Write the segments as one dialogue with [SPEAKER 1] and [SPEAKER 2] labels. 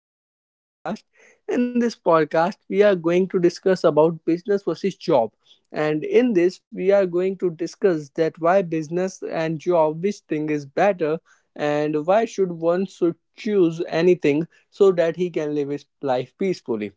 [SPEAKER 1] back to our new podcast. In this podcast, we are going to discuss about business versus job. And in this, we are going to discuss that why business and job, which thing is better, and why should one should choose anything so that he can live his life peacefully.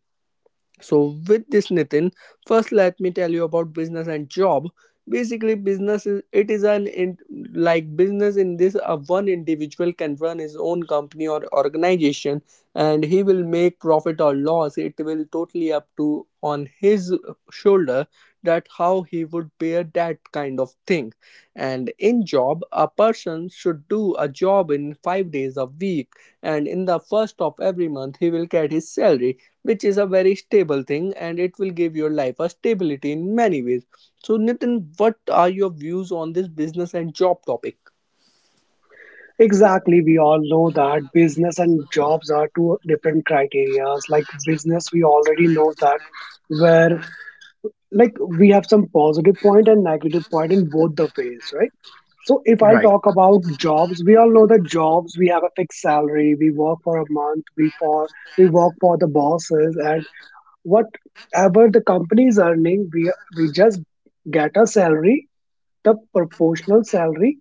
[SPEAKER 1] So, with this, Nitin, first let me tell you about business and job. Basically, business is it is an in, like business in this one individual can run his own company or organization, and he will make profit or loss. It will totally up to on his shoulder that how he would bear that kind of thing. And in job, a person should do a job in 5 days a week, and in the first of every month he will get his salary which is a very stable thing and it will give your life a stability in many ways. So, Nitin, what are your views on this business and job topic?
[SPEAKER 2] Exactly. We all know that business and jobs are two different criterias. Like business, we already know that where we have some positive point and negative point in both the ways, right? So if
[SPEAKER 1] Right.
[SPEAKER 2] I'll talk about jobs, we all know that jobs we have a fixed salary, we work for a month, we work for the bosses, and whatever the company is earning, we just get a salary, the proportional salary,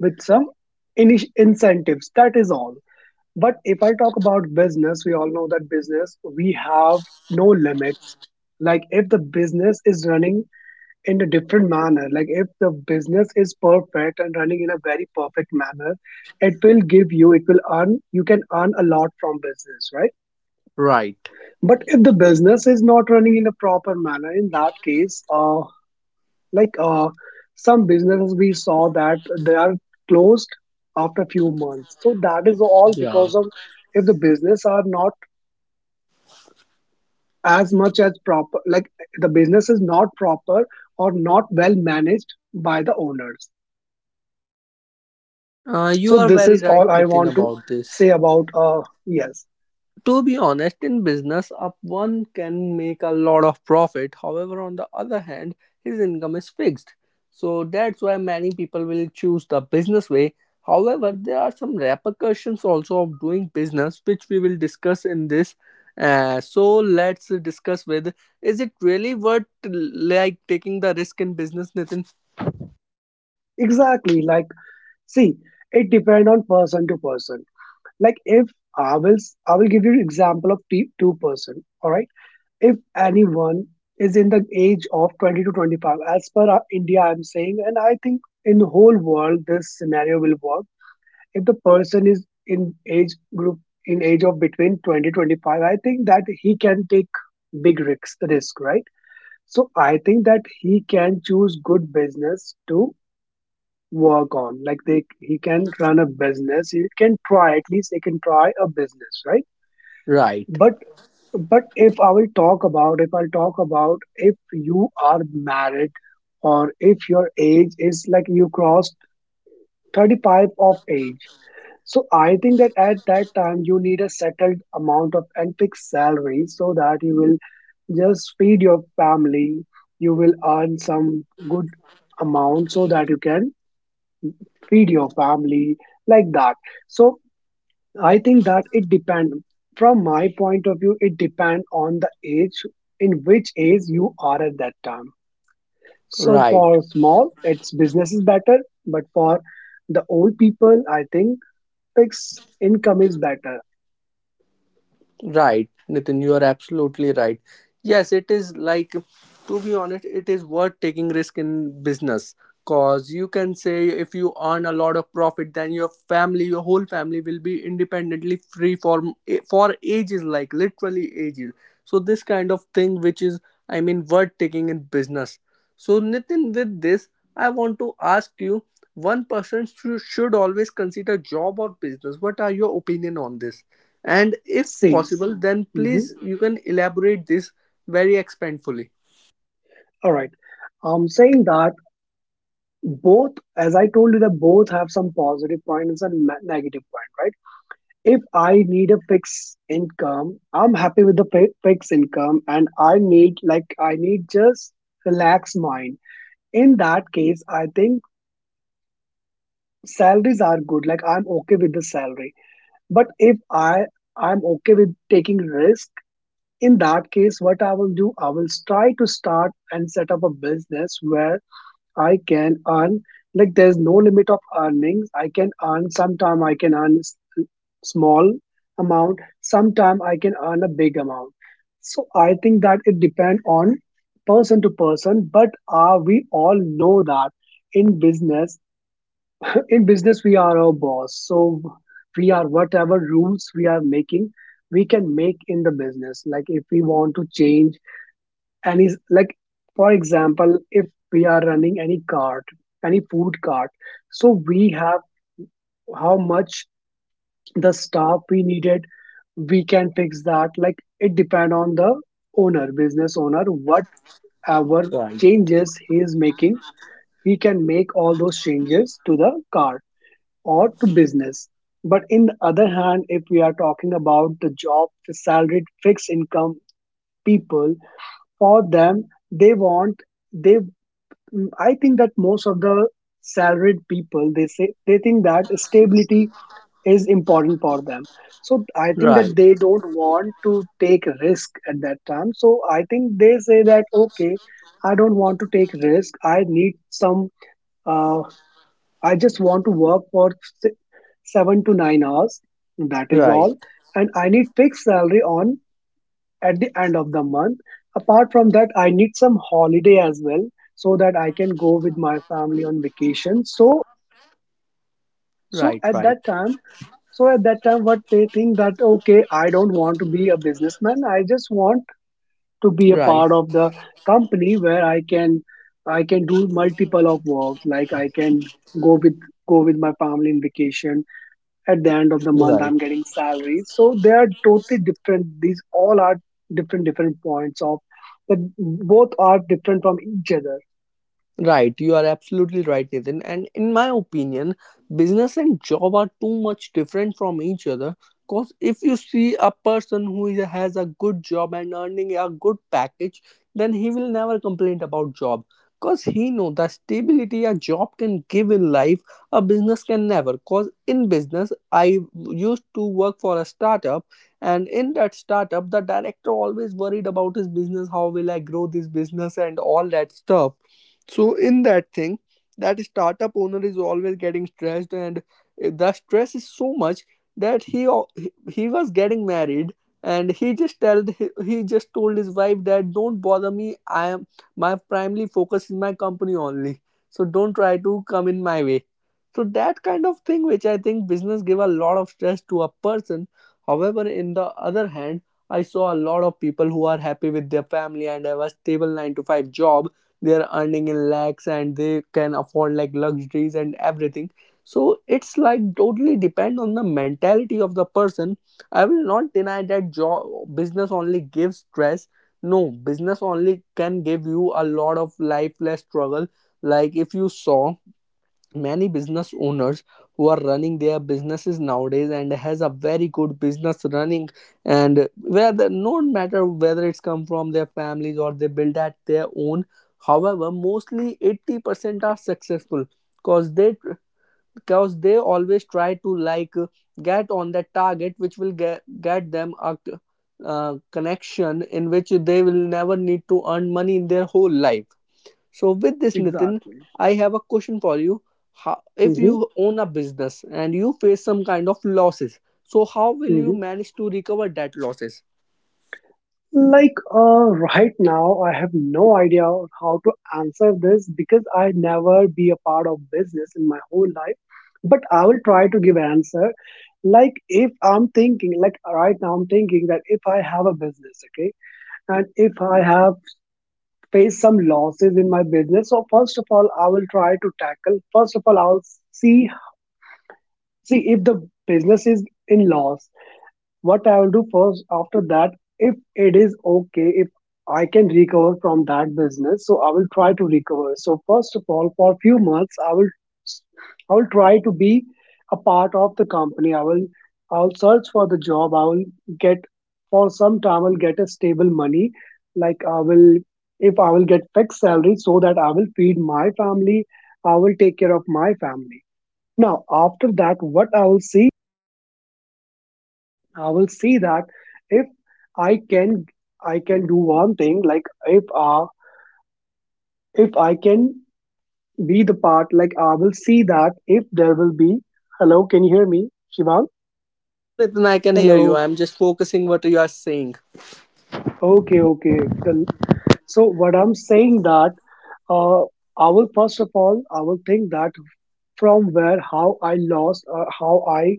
[SPEAKER 2] with some incentives. That is all. But if I talk about business, we all know that business we have no limits. Like if the business is running in a different manner, like if the business is perfect and running in a very perfect manner, it will give you, it will earn, you can earn a lot from business, right?
[SPEAKER 1] Right.
[SPEAKER 2] But if the business is not running in a proper manner, in that case, like uh, some businesses we saw that they are closed after few months. So that is all
[SPEAKER 1] Yeah,
[SPEAKER 2] because of if the business are not as much as proper, like the business is not proper or not well managed by the owners.
[SPEAKER 1] you
[SPEAKER 2] So
[SPEAKER 1] are
[SPEAKER 2] this
[SPEAKER 1] very
[SPEAKER 2] is
[SPEAKER 1] right,
[SPEAKER 2] all I want
[SPEAKER 1] Nitin,
[SPEAKER 2] to
[SPEAKER 1] about this.
[SPEAKER 2] say about yes.
[SPEAKER 1] To be honest, in business, up one can make a lot of profit. However, on the other hand, his income is fixed. So that's why many people will choose the business way. However, there are some repercussions also of doing business, which we will discuss in this. So let's discuss with is it really worth like taking the risk in business, Nitin?
[SPEAKER 2] Exactly. Like, see, it depend on person to person. Like, if I will give you example of two person, all right? If anyone is in the age of 20 to 25, as per India, I'm saying, and I think in the whole world this scenario will work. If the person is in age group, in age of between 20 to 25, I think that he can take big risk, right? So I think that he can choose good business to work on. Like, they he can run a business, he can try, at least he can try a business, right?
[SPEAKER 1] Right,
[SPEAKER 2] but but if I will talk about, if I'll talk about, if you are married or if your age is like you crossed 35 of age. So I think that at that time you need a settled amount of and fixed salary so that you will just feed your family. You will earn some good amount so that you can feed your family, like that. So I think that it depend, from my point of view, it depend on the age, in which age you are at that time. So
[SPEAKER 1] right.
[SPEAKER 2] for small, its business is better, but for the old people, I think fixed income is better.
[SPEAKER 1] Right, Nitin, you are absolutely right. Yes, it is like, to be honest, it is worth taking risk in business because you can say if you earn a lot of profit, then your family, your whole family will be independently free for ages, like literally ages. So this kind of thing, which is, I mean, worth taking in business. So Nitin, with this, I want to ask you: one person should always consider job or business. What are your opinion on this? And if
[SPEAKER 2] See.
[SPEAKER 1] possible, then
[SPEAKER 2] Mhm.
[SPEAKER 1] please you can elaborate this very expandfully.
[SPEAKER 2] All right. I'm saying that both, as I told you, that both have some positive point and some negative point, right? If I need a fixed income, I'm happy with the fixed income, and I need like I need just relaxed mind. In that case, I think salaries are good. Like I'm okay with the salary. But if I I'm okay with taking risk. In that case, what I will do, I will try to start and set up a business where I can earn, like there's no limit of earnings. I can earn sometime, I can earn small amount, sometime I can earn a big amount. So I think that it depends on person to person, but we all know that in business, in business we are our boss. So we are, whatever rules we are making, we can make in the business. Like if we want to change and is like, for example, if we are running any cart, any food cart, so we have how much the staff we needed, we can fix that. Like it depend on the owner, business owner. Whatever
[SPEAKER 1] Right,
[SPEAKER 2] changes he is making, he can make all those changes to the cart or to business. But in the other hand, if we are talking about the job, the salaried fixed income people, for them, they want, they Mm, I think that most of the salaried people, they say, they think that stability is important for them. So I think that
[SPEAKER 1] right,
[SPEAKER 2] they don't want to take risk at that time. So I think they say that okay, I don't want to take risk. I need some. Uh, I just want to work for si- 7 to 9 hours. That is
[SPEAKER 1] right,
[SPEAKER 2] all, and I need fixed salary on at the end of the month. Apart from that, I need some holiday as well so that I can go with my family on vacation. So
[SPEAKER 1] right,
[SPEAKER 2] at
[SPEAKER 1] right,
[SPEAKER 2] that time, what they think that okay, I don't want to be a businessman. I just want to be a
[SPEAKER 1] right.
[SPEAKER 2] part of the company where I can do multiple of works. Like I can go with go with my family in vacation. At the end of the month
[SPEAKER 1] Right.
[SPEAKER 2] I'm getting salary. So they are totally different. These all are different, different points of that. Both are different from each other.
[SPEAKER 1] Right, you are absolutely right, Nathan. And in my opinion, business and job are too much different from each other. Because if you see a person who has a good job and earning a good package, then he will never complain about job. Because he know the stability a job can give in life, a business can never. Because in business, I used to work for a startup, and in that startup, the director always worried about his business, how will I grow this business and all that stuff, so in that thing, that startup owner is always getting stressed, and the stress is so much that he was getting married, and he just told his wife that don't bother me. I am my primary focus is my company only. So don't try to come in my way. So that kind of thing, which I think business give a lot of stress to a person. However, in the other hand, I saw a lot of people who are happy with their family and have a stable nine to five job. They are earning in lakhs and they can afford like luxuries and everything. So it's like totally depend on the mentality of the person. I will not deny that job, business only gives stress. No, business only can give you a lot of lifeless struggle. Like if you saw many business owners who are running their businesses nowadays and has a very good business running, and whether no matter whether it's come from their families or they build at their own, however mostly 80% are successful because they because they always try to like get on that target which will get them a connection in which they will never need to earn money in their whole life. So with this, Nitin,
[SPEAKER 2] Exactly.
[SPEAKER 1] I have a question for you. How, if
[SPEAKER 2] Hmm.
[SPEAKER 1] you own a business and you face some kind of losses, so how will you
[SPEAKER 2] Hmm.
[SPEAKER 1] manage to recover that losses?
[SPEAKER 2] Like, right now I have no idea how to answer this, because I never be a part of business in my whole life. But I will try to give answer. Like, if I'm thinking, like right now I'm thinking that if I have a business, okay, and if I have face some losses in my business, so first of all I will try to tackle, first of all I'll see see if the business is in loss, what I will do first. After that, if it is okay, if I can recover from that business, so I will try to recover. So first of all, for few months, I will try to be a part of the company. I'll search for the job. I will get, for some time I'll get a stable money. Like I will, if I will get fixed salary so that I will feed my family, I will take care of my family. Now after that, what I will see, I will see that if I can I can do one thing. Like if I can be the part, like I will see that if there will be, hello, can you hear me, Shivam?
[SPEAKER 1] Yes, Nitin, I can hear you.
[SPEAKER 2] Hello.
[SPEAKER 1] I'm just focusing what you are saying.
[SPEAKER 2] Okay, okay, the, so what I'm saying that uh I will, first of all I will think that from where, how I lost, how I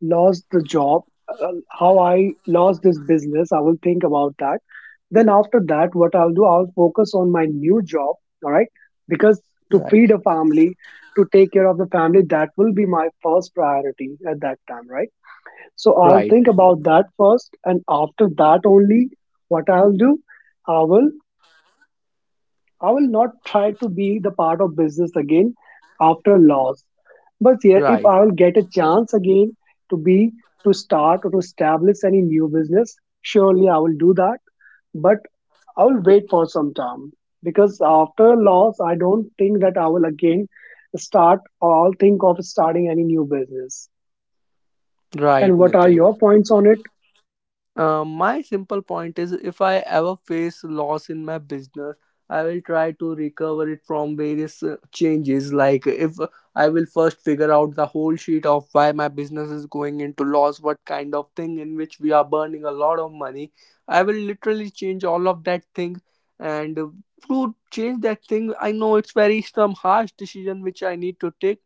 [SPEAKER 2] lost the job, uh, how I lost this business. I will think about that. Then after that, what I'll do, I'll focus on my new job. All right, because to
[SPEAKER 1] Right,
[SPEAKER 2] feed a family, to take care of the family, that will be my first priority at that time, right? So I'll
[SPEAKER 1] right,
[SPEAKER 2] think about that first, and after that only, what I'll do, I will I will not try to be the part of business again after a loss. But yeah, if
[SPEAKER 1] right,
[SPEAKER 2] I will get a chance again to be, to start or to establish any new business, surely I will do that. But I will wait for some time, because after a loss, I don't think that I will again start or I'll think of starting any new business.
[SPEAKER 1] right,
[SPEAKER 2] And what are
[SPEAKER 1] Nitin.
[SPEAKER 2] your points on it?
[SPEAKER 1] My simple point is if I ever face loss in my business, I will try to recover it from various changes. Like, if I will first figure out the whole sheet of why my business is going into loss, what kind of thing in which we are burning a lot of money. I will literally change all of that thing. And To change that thing, I know it's very some harsh decision which I need to take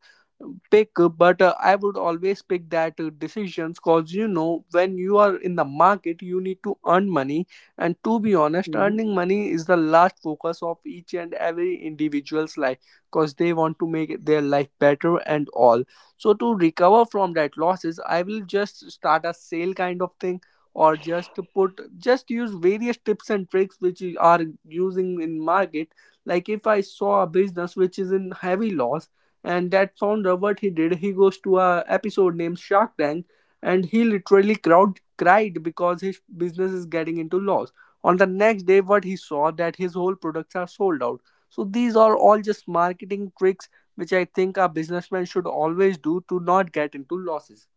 [SPEAKER 1] pick but I would always pick that decisions, cause you know when you are in the market you need to earn money. And to be honest,
[SPEAKER 2] Mhm.
[SPEAKER 1] earning money is the last focus of each and every individual's life, cause they want to make their life better and all. So to recover from that losses, I will just start a sale kind of thing, or just to put just use various tips and tricks which are using in market. Like if I saw a business which is in heavy loss, and that founder, what he did, he goes to a episode named Shark Tank, and he literally crowd cried because his business is getting into loss. On the next day what he saw that his whole products are sold out. So these are all just marketing tricks which I think a businessman should always do to not get into losses.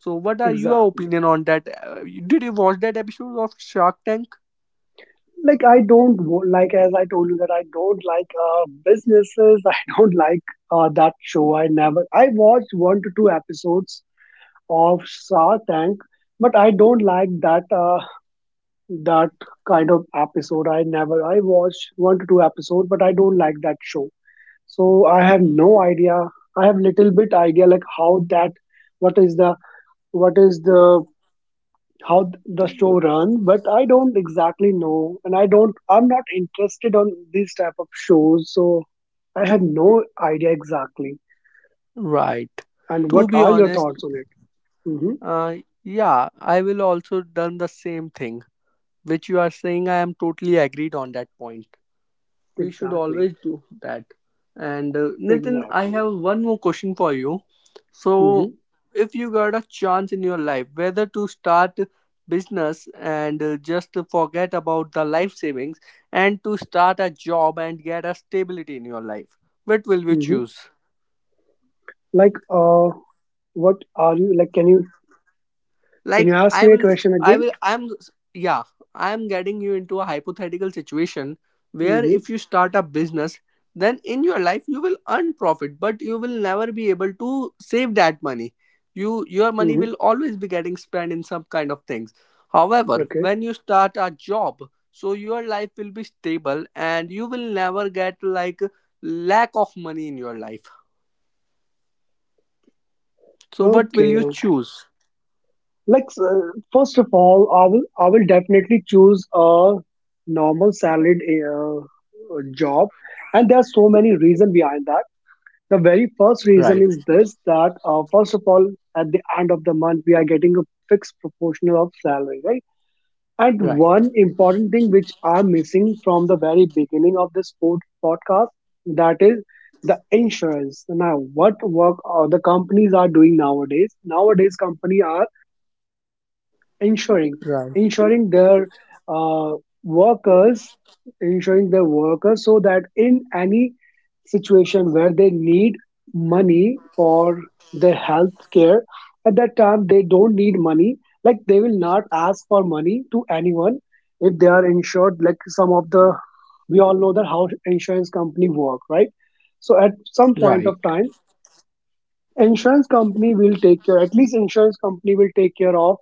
[SPEAKER 1] So what are your
[SPEAKER 2] Exactly.
[SPEAKER 1] opinion on that? Did you watch that episode of Shark Tank?
[SPEAKER 2] Like I don't like, as I told you, that I don't like businesses. I don't like that show. I never. I watched one to two episodes of Shark Tank, but I don't like that that kind of episode. I never. I watched one to two episode, but I don't like that show. So I have no idea. I have little bit idea, like how that, what is the what is the, how the show runs, but I don't exactly know, and I don't, I'm not interested on these type of shows. So I have no idea exactly.
[SPEAKER 1] Right.
[SPEAKER 2] And
[SPEAKER 1] To
[SPEAKER 2] what
[SPEAKER 1] be
[SPEAKER 2] are your
[SPEAKER 1] honest,
[SPEAKER 2] thoughts on it? Mm-hmm.
[SPEAKER 1] uh, yeah, I will also done the same thing which you are saying. I am totally agreed on that point. We should
[SPEAKER 2] Exactly.
[SPEAKER 1] always do that. And Nitin, I
[SPEAKER 2] Exactly.
[SPEAKER 1] have one more question for you. So
[SPEAKER 2] Mm-hmm.
[SPEAKER 1] if you got a chance in your life, whether to start business and just forget about the life savings, and to start a job and get a stability in your life, what will we
[SPEAKER 2] Mm-hmm.
[SPEAKER 1] choose?
[SPEAKER 2] Like what are you like, can you, can you
[SPEAKER 1] Like
[SPEAKER 2] ask
[SPEAKER 1] i
[SPEAKER 2] me a
[SPEAKER 1] will
[SPEAKER 2] question
[SPEAKER 1] I
[SPEAKER 2] again?
[SPEAKER 1] will I'm Yeah, I'm getting you into a hypothetical situation where if
[SPEAKER 2] Mm-hmm.
[SPEAKER 1] you start a business, then in your life you will earn profit but you will never be able to save that money. Your money
[SPEAKER 2] Mm-hmm.
[SPEAKER 1] will always be getting spent in some kind of things. However,
[SPEAKER 2] Okay,
[SPEAKER 1] when you start a job, so your life will be stable and you will never get like lack of money in your life. So what will
[SPEAKER 2] okay.
[SPEAKER 1] you choose?
[SPEAKER 2] Like, first of all, I will definitely choose a normal salaried job, and there are so many reasons behind that. The very first
[SPEAKER 1] Right,
[SPEAKER 2] reason is this that first of all, at the end of the month, we are getting a fixed proportional of salary, right? And
[SPEAKER 1] right,
[SPEAKER 2] one important thing which I'm missing from the very beginning of this podcast, that is the insurance. Now, what work the companies are doing nowadays? Nowadays, company are ensuring
[SPEAKER 1] right,
[SPEAKER 2] ensuring their uh, workers ensuring their workers so that in any situation where they need money for their health care, at that time they don't need money, like they will not ask for money to anyone if they are insured. Like some of the we all know that how insurance company work, right? So at some point of
[SPEAKER 1] right,
[SPEAKER 2] time, insurance company will take care at least insurance company will take care of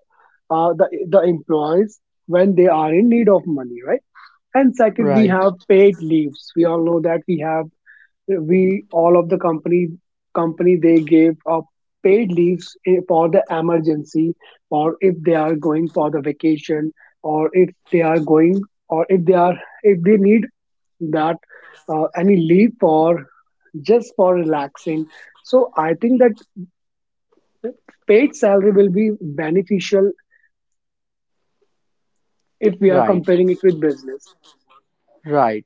[SPEAKER 2] the employees when they are in need of money, right? And second, we
[SPEAKER 1] right.
[SPEAKER 2] have paid leaves. We all know that we all of the company they gave up paid leaves, for the emergency, or if they are going for the vacation, or if they are going or if they are if they need that any leave for just for relaxing. So I think that paid salary will be beneficial if we are
[SPEAKER 1] Right,
[SPEAKER 2] comparing it with business.
[SPEAKER 1] right.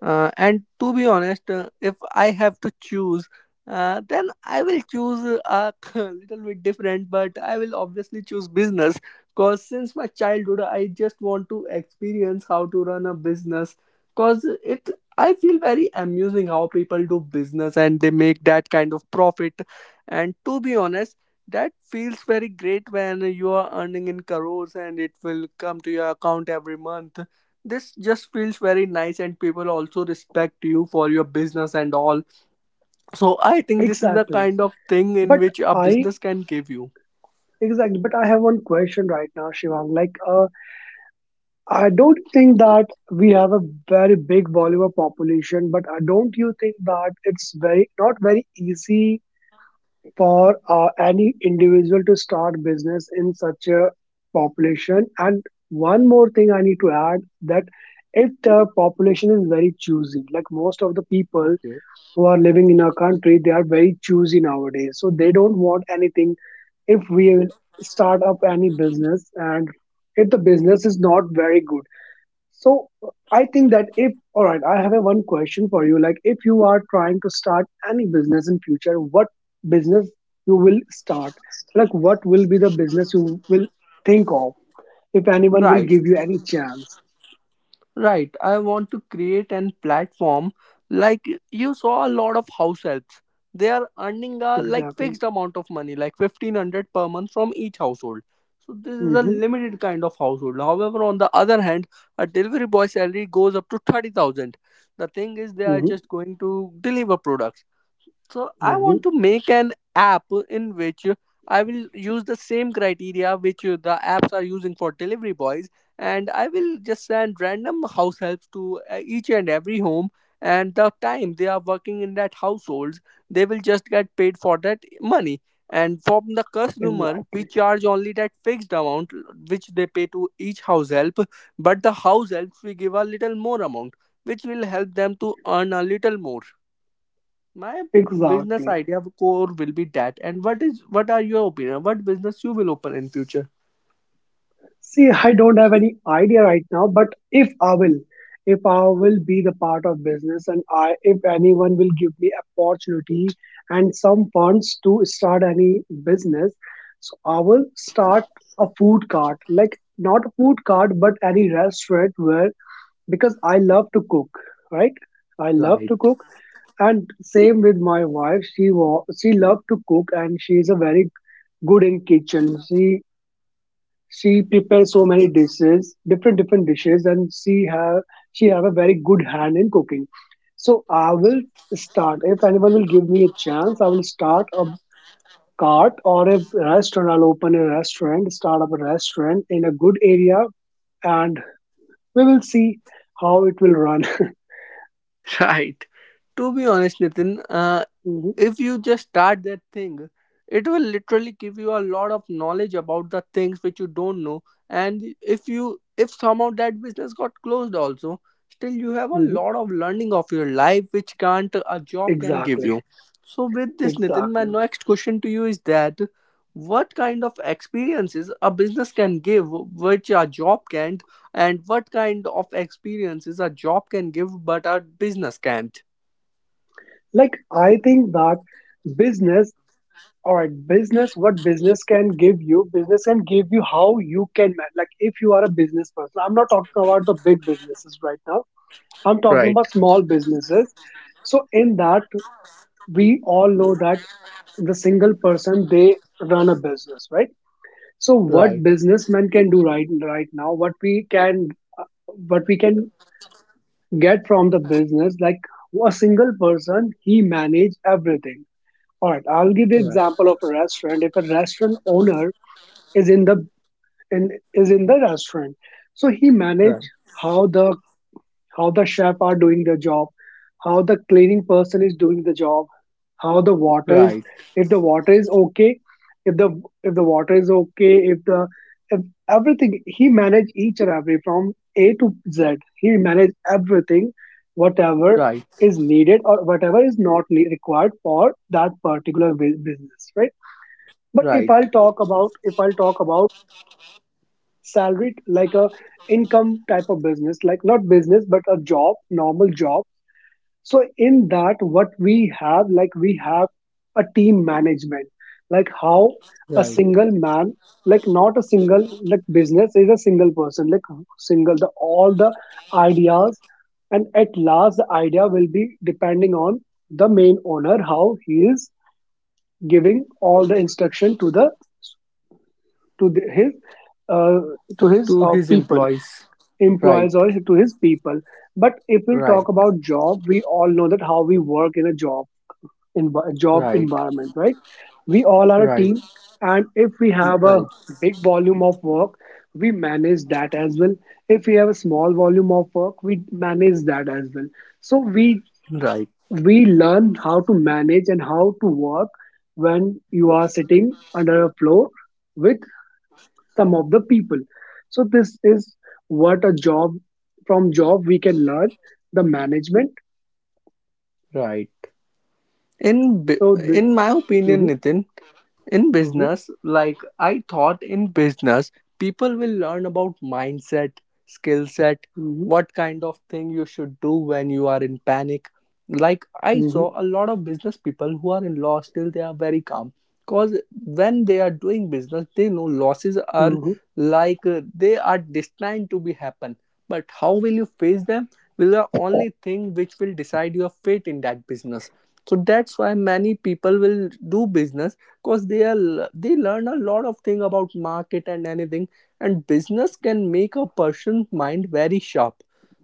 [SPEAKER 1] And to be honest, if I have to choose, then I will choose a little bit different, but I will obviously choose business because since my childhood, I just want to experience how to run a business, because it I feel very amusing how people do business and they make that kind of profit. And to be honest, that feels very great when you are earning in crores and it will come to your account every month. This just feels very nice and people also respect you for your business and all. So I think this is the
[SPEAKER 2] Exactly.
[SPEAKER 1] kind of thing in
[SPEAKER 2] but
[SPEAKER 1] which a
[SPEAKER 2] I
[SPEAKER 1] business can give you.
[SPEAKER 2] Exactly, but I have one question right now, Shivang, like I don't think that we have a very big Bollywood population, but don't you think that it's very not very easy for any individual to start business in such a population? And one more thing I need to add, that if the population is very choosy, like most of the people
[SPEAKER 1] Okay.
[SPEAKER 2] who are living in our country, they are very choosy nowadays, so they don't want anything if we start up any business and if the business is not very good. So I think that, if all right, I have a one question for you, like if you are trying to start any business in future, what business you will start, like what will be the business you will think of if anyone will
[SPEAKER 1] Right.
[SPEAKER 2] give you any chance?
[SPEAKER 1] Right, I want to create an platform. Like, you saw a lot of house helps. They are earning a like
[SPEAKER 2] Exactly.
[SPEAKER 1] fixed amount of money, like 1500 per month from each household. So this is a
[SPEAKER 2] Mm-hmm,
[SPEAKER 1] limited kind of household. However, on the other hand, a delivery boy salary goes up to 30,000. The thing is they are
[SPEAKER 2] mm-hmm,
[SPEAKER 1] just going to deliver products. So I
[SPEAKER 2] mm-hmm.
[SPEAKER 1] want to make an app in which I will use the same criteria which the apps are using for delivery boys, and I will just send random house helps to each and every home. And the time they are working in that households, they will just get paid for that money. And from the customer, we
[SPEAKER 2] Exactly.
[SPEAKER 1] charge only that fixed amount which they pay to each house help, but the house helps we give a little more amount, which will help them to earn a little more. My business
[SPEAKER 2] Exactly.
[SPEAKER 1] idea core will be that. And what are your opinion, what business you will open in future?
[SPEAKER 2] See, I don't have any idea right now, but if I will be the part of business, if anyone will give me opportunity and some funds to start any business, so I will start a food cart, like not a food cart, but any restaurant where, because I love to cook, right? I love
[SPEAKER 1] Right.
[SPEAKER 2] to cook. And same with my wife, she loved to cook, and she is a very good in kitchen. She prepares so many dishes, different different dishes, and she have a very good hand in cooking. So I will start if anyone will give me a chance, I will start a cart or a restaurant. Start up a restaurant in a good area, and we will see how it will run.
[SPEAKER 1] Right. To be honest, Nitin,
[SPEAKER 2] Mhm,
[SPEAKER 1] if you just start that thing, it will literally give you a lot of knowledge about the things which you don't know. And if somehow that business got closed also, still you have a
[SPEAKER 2] mhm.
[SPEAKER 1] lot of learning of your life which can't a job can give
[SPEAKER 2] Exactly.
[SPEAKER 1] you. So with this, Nitin, my
[SPEAKER 2] Exactly.
[SPEAKER 1] next question to you is that, what kind of experiences a business can give which a job can't, and what kind of experiences a job can give but a business can't?
[SPEAKER 2] Like, I think that business, all right, business, what business can give you how you can manage. Like, if you are a business person, I'm not talking about the big businesses right now, I'm talking
[SPEAKER 1] Right,
[SPEAKER 2] about small businesses. So in that, we all know that the single person, they run a business, right? So what
[SPEAKER 1] right,
[SPEAKER 2] businessman can do, right now, what we can, uh, what we can get from the business, like a single person, he manage everything. All right, I'll give you
[SPEAKER 1] right.
[SPEAKER 2] example of a restaurant. If a restaurant owner is in the is in the restaurant, so he manage
[SPEAKER 1] Right.
[SPEAKER 2] how the, chef are doing their job, how the cleaning person is doing the job, how the water is,
[SPEAKER 1] Right,
[SPEAKER 2] if the water is okay, if the if the water is okay if the if everything he manage, each and every, from A to Z, he manage everything, whatever
[SPEAKER 1] right,
[SPEAKER 2] is needed or whatever is not required for that particular business, right? But if
[SPEAKER 1] right,
[SPEAKER 2] I'll talk about, salaried, like a income type of business, like not business but a job, normal job. So in that, what we have, like we have a team management, like how a
[SPEAKER 1] right.
[SPEAKER 2] single man, like not a single, like business is a single person, like single, the all the ideas, and at last the idea will be depending on the main owner, how he is giving all the instruction to the, to the, his uh, to his
[SPEAKER 1] To his
[SPEAKER 2] people,
[SPEAKER 1] employees. Right,
[SPEAKER 2] employees or to his people. But if we'll
[SPEAKER 1] right,
[SPEAKER 2] talk about job, we all know that how we work in a job, in job
[SPEAKER 1] right,
[SPEAKER 2] environment, right? We all are a
[SPEAKER 1] right,
[SPEAKER 2] team, and if we have a
[SPEAKER 1] right,
[SPEAKER 2] big volume of work, we manage that as well. If we have a small volume of work, we manage that as well. So
[SPEAKER 1] right,
[SPEAKER 2] we learn how to manage and how to work when you are sitting under a floor with some of the people. So this is what a job from job we can learn, the management.
[SPEAKER 1] right. In b-
[SPEAKER 2] So the
[SPEAKER 1] in my opinion,
[SPEAKER 2] Mhm,
[SPEAKER 1] Nitin, in
[SPEAKER 2] mhm,
[SPEAKER 1] business, I thought in business people will learn about mindset, skill set,
[SPEAKER 2] mhm,
[SPEAKER 1] what kind of thing you should do when you are in panic. Like I
[SPEAKER 2] mhm,
[SPEAKER 1] saw a lot of business people who are in loss, still they are very calm, because when they are doing business they know losses are,
[SPEAKER 2] mhm.
[SPEAKER 1] they are destined to be happen. But how will you face them will the only thing which will decide your fate in that business. So that's why many people will do business, because they learn a lot of thing about market and anything, and business can make a person's mind very sharp.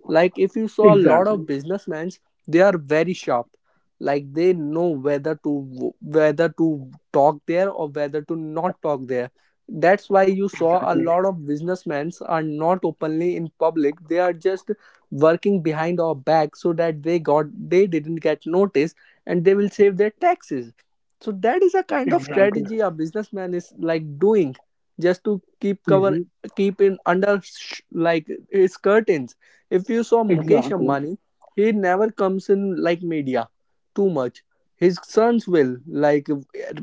[SPEAKER 1] Like if you saw a lot
[SPEAKER 2] Exactly.
[SPEAKER 1] of businessmen, they are very sharp. Like they know whether to talk there or whether to not talk there. That's why you saw a
[SPEAKER 2] Exactly.
[SPEAKER 1] lot of businessmen are not openly in public, they are just working behind our back, so that they didn't get noticed, and they will save their taxes. So that is a kind of
[SPEAKER 2] Exactly.
[SPEAKER 1] strategy a businessman is like doing, just to keep cover,
[SPEAKER 2] Hmm.
[SPEAKER 1] keep in under sh- like his curtains. If you saw Mukesh
[SPEAKER 2] Exactly.
[SPEAKER 1] Ambani, he never comes in like media too much. His sons will, like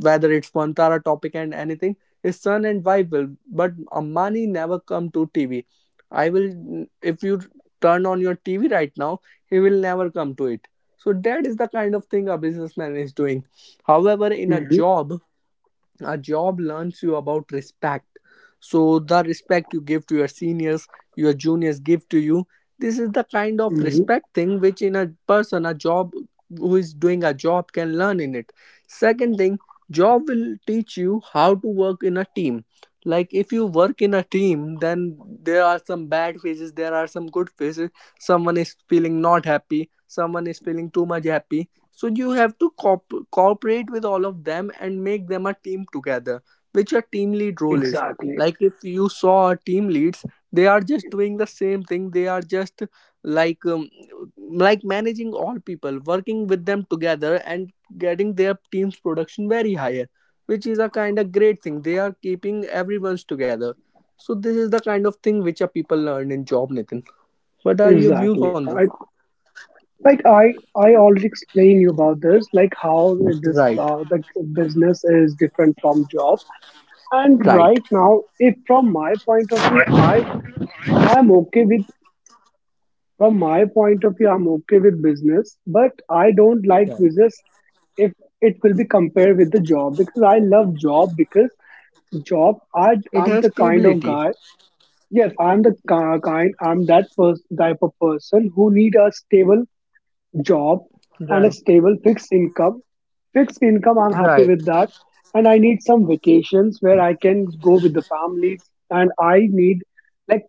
[SPEAKER 1] whether it's Pantara topic and anything. His son and wife will, but Ambani never come to TV. I will if you turn on your TV right now, he will never come to it. So that is the kind of thing a businessman is doing. However, in a
[SPEAKER 2] Hmm.
[SPEAKER 1] job, a job learns you about respect. So the respect you give to your seniors, your juniors give to you. This is the kind of
[SPEAKER 2] Hmm.
[SPEAKER 1] respect thing which in a person a job who is doing a job can learn in it. Second thing, job will teach you how to work in a team. Like if you work in a team, then there are some bad phases, there are some good phases. Someone is feeling not happy, someone is feeling too much happy. So you have to cooperate with all of them and make them a team together, which a team lead role is.
[SPEAKER 2] Exactly.
[SPEAKER 1] Like if you saw team leads, they are just doing the same thing. They are just like um, like managing all people, working with them together and getting their team's production very higher, which is a kind of great thing. They are keeping everyone's together. So this is the kind of thing which a people learn in job, Nathan. What are your views
[SPEAKER 2] Exactly.
[SPEAKER 1] on this?
[SPEAKER 2] I, like, I already explained you about this, like how this,
[SPEAKER 1] Right,
[SPEAKER 2] like business is different from job. And
[SPEAKER 1] right.
[SPEAKER 2] right now, if from my point of view I I'm okay with from my point of view, I'm okay with business, but I don't like
[SPEAKER 1] Yeah.
[SPEAKER 2] business if it will be compared with the job, because I love job, because job, I
[SPEAKER 1] It
[SPEAKER 2] I'm
[SPEAKER 1] has
[SPEAKER 2] the kind of
[SPEAKER 1] stability.
[SPEAKER 2] guy. Yes, I'm the kind. I'm that person, type of person who need a stable job and a
[SPEAKER 1] Right.
[SPEAKER 2] stable fixed income. Fixed income, I'm happy
[SPEAKER 1] Right.
[SPEAKER 2] with that. And I need some vacations where I can go with the families. And I need like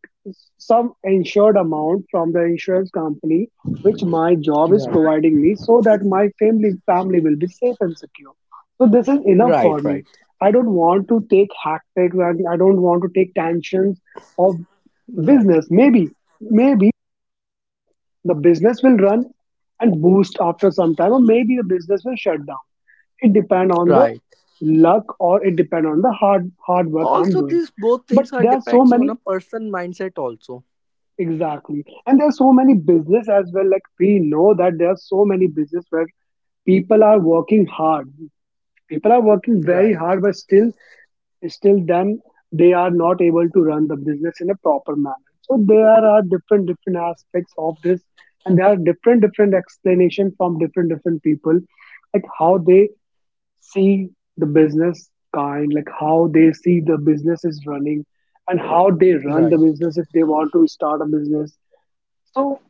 [SPEAKER 2] some insured amount from the insurance company, which my job is
[SPEAKER 1] Right.
[SPEAKER 2] providing me so that my family will be safe and secure. So this is enough for
[SPEAKER 1] Right.
[SPEAKER 2] me.
[SPEAKER 1] Right.
[SPEAKER 2] I don't want to take hectic, and I don't want to take tensions of
[SPEAKER 1] Right.
[SPEAKER 2] business. Maybe the business will run and boost after some time, or maybe the business will shut down. It depend on the
[SPEAKER 1] Right.
[SPEAKER 2] luck, or it depend on the hard work I'm
[SPEAKER 1] Also,
[SPEAKER 2] doing.
[SPEAKER 1] these both
[SPEAKER 2] But
[SPEAKER 1] things are
[SPEAKER 2] there are so
[SPEAKER 1] depends on
[SPEAKER 2] many
[SPEAKER 1] a person mindset. Also.
[SPEAKER 2] Exactly, and there are so many business as well. Like, we know that there are so many business where people are working hard. People are working very
[SPEAKER 1] Right.
[SPEAKER 2] hard, but still then they are not able to run the business in a proper manner. So there are different different aspects of this, and there are different different explanation from different different people, like how they see the business like how they see the business is running, and how they run
[SPEAKER 1] Right.
[SPEAKER 2] the business if they want to start a business. So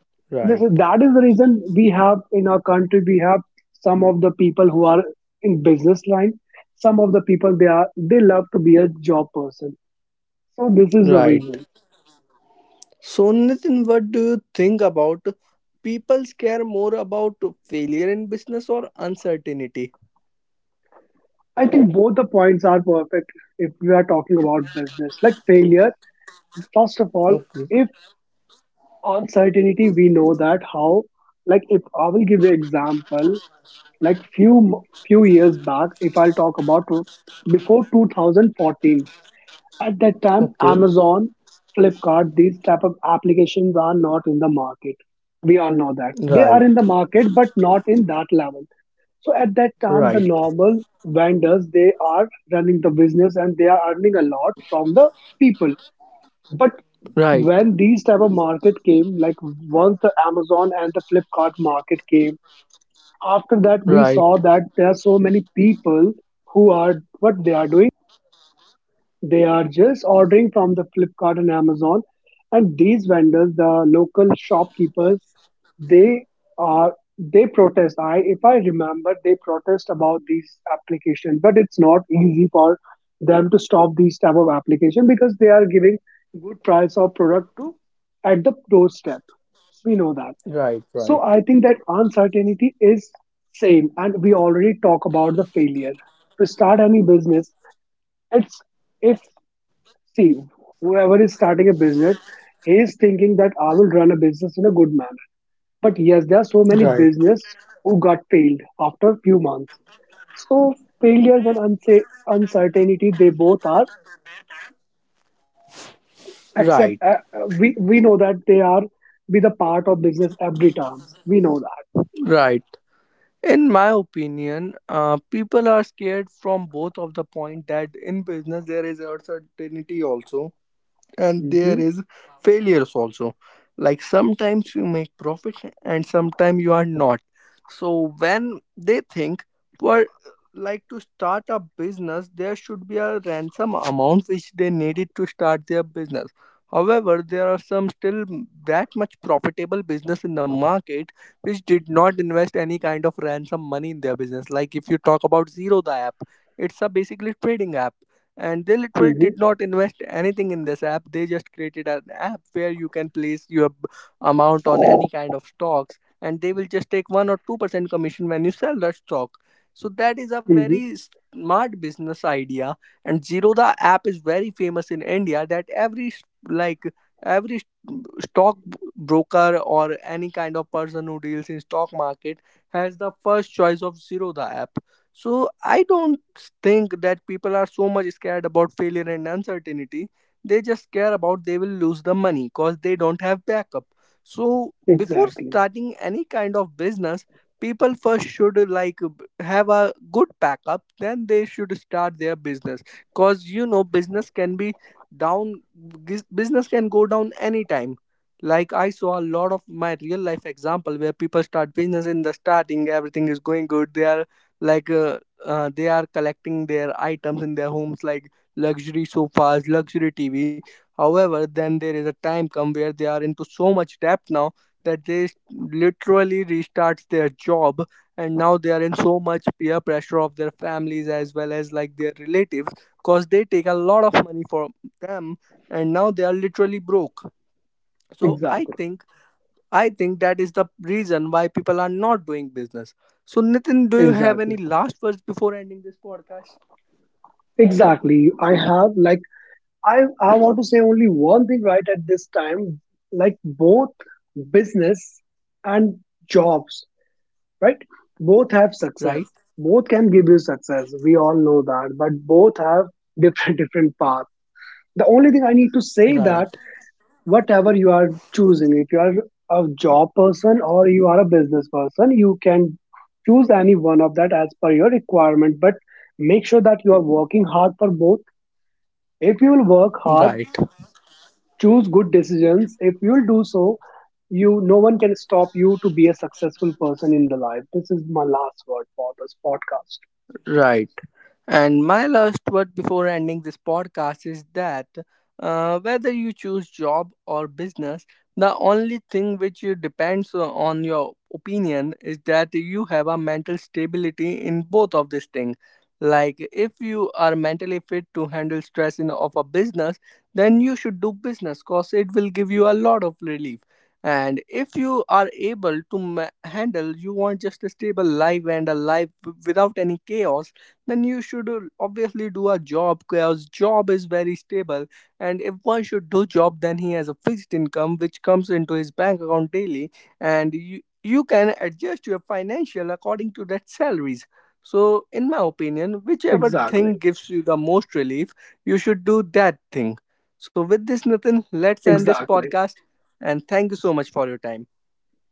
[SPEAKER 1] Right.
[SPEAKER 2] that is the reason, we have in our country, we have some of the people who are in business line, some of the people they love to be a job person. So this is the
[SPEAKER 1] Right.
[SPEAKER 2] reason.
[SPEAKER 1] So, Nitin, what do you think about people care more about failure in business or uncertainty?
[SPEAKER 2] I think both the points are perfect if we are talking about business. Like, failure, first of all,
[SPEAKER 1] Okay.
[SPEAKER 2] if uncertainty, we know that how, like if I will give you example, like few years back, if I'll talk about before 2014. At that time,
[SPEAKER 1] Okay.
[SPEAKER 2] Amazon, Flipkart, these type of applications are not in the market. We all know that. They are
[SPEAKER 1] Right.
[SPEAKER 2] in the market, but not in that level. So at that time, the
[SPEAKER 1] Right.
[SPEAKER 2] normal vendors, they are running the business and they are earning a lot from the people. But
[SPEAKER 1] Right.
[SPEAKER 2] when these type of market came, like once the Amazon and the Flipkart market came, after that we
[SPEAKER 1] Right.
[SPEAKER 2] saw that there are so many people, who are what they are doing, they are just ordering from the Flipkart and Amazon. And these vendors, the local shopkeepers, they they protest. I If I remember, they protest about these applications, but it's not easy for them to stop these type of application, because they are giving good price of product to, at the doorstep. We know that.
[SPEAKER 1] Right.
[SPEAKER 2] So
[SPEAKER 1] Right.
[SPEAKER 2] I think that uncertainty is same, and we already talk about the failure to start any business. It's if See, whoever is starting a business, he is thinking that I will run a business in a good manner. But yes, there are so many
[SPEAKER 1] Right.
[SPEAKER 2] business who got failed after few months. So failures and uncertainty, they both are.
[SPEAKER 1] Right.
[SPEAKER 2] Except we know that they are be the part of business every time. We know that.
[SPEAKER 1] Right. In my opinion, people are scared from both of the point that in business there is uncertainty also, and there
[SPEAKER 2] Hmm.
[SPEAKER 1] is failures also, like sometimes you make profits and sometimes you are not. So when they think, well, like to start a business there should be a ransom amount which they needed to start their business. However, there are some still that much profitable business in the market which did not invest any kind of ransom money in their business. Like if you talk about Zero the app, it's a basically trading app, and they literally did
[SPEAKER 2] Hmm.
[SPEAKER 1] not invest anything in this app. They just created an app where you can place your amount on any kind of stocks, and they will just take 1 or 2% commission when you sell that stock. So that is a
[SPEAKER 2] Hmm.
[SPEAKER 1] very smart business idea. And Zerodha app is very famous in India, that every like stock broker or any kind of person who deals in stock market has the first choice of Zerodha app. So I don't think that people are so much scared about failure and uncertainty. They just care about they will lose the money because they don't have backup. So before
[SPEAKER 2] Exactly.
[SPEAKER 1] starting any kind of business, people first should have a good backup. Then they should start their business, because you know business can be down. Business can go down anytime. Like I saw a lot of my real life example where people start business in the starting, everything is going good. They are like uh, they are collecting their items in their homes like luxury sofas, luxury TV. However, then there is a time come where they are into so much debt now that they literally restarts their job, and now they are in so much peer pressure of their families as well as like their relatives, cause they take a lot of money for them, and now they are literally broke. So
[SPEAKER 2] Exactly.
[SPEAKER 1] I think that is the reason why people are not doing business. So, Nitin, do you have
[SPEAKER 2] Exactly.
[SPEAKER 1] any last words before ending this podcast?
[SPEAKER 2] Exactly. I have like. I want to say only one thing right at this time, like both business and jobs, right? Both have success.
[SPEAKER 1] Right,
[SPEAKER 2] Both can give you success. We all know that, but both have different different path. The only thing I need to say, that
[SPEAKER 1] right,
[SPEAKER 2] whatever you are choosing, if you are a job person or you are a business person, you can choose any one of that as per your requirement. But make sure that you are working hard for both. If you will work hard,
[SPEAKER 1] right,
[SPEAKER 2] choose good decisions, if you'll do so, you no one can stop you to be a successful person in the life. This is my last word for this podcast.
[SPEAKER 1] right. And my last word before ending this podcast is that, whether you choose job or business, the only thing which you depends on your opinion is that you have a mental stability in both of these things. Like if you are mentally fit to handle stress in of a business, then you should do business because it will give you a lot of relief. And if you are able to handle, you want just a stable life and a life without any chaos, then you should obviously do a job because job is very stable. And if one should do job, then he has a fixed income which comes into his bank account daily, and you can adjust your financial according to that salaries. So in my opinion, whichever
[SPEAKER 2] Exactly.
[SPEAKER 1] thing gives you the most relief, you should do that thing. So with this, Nathan, let's end this
[SPEAKER 2] Exactly.
[SPEAKER 1] podcast, and thank you so much for your time.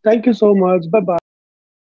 [SPEAKER 2] Thank you so much. Bye bye, Shivam.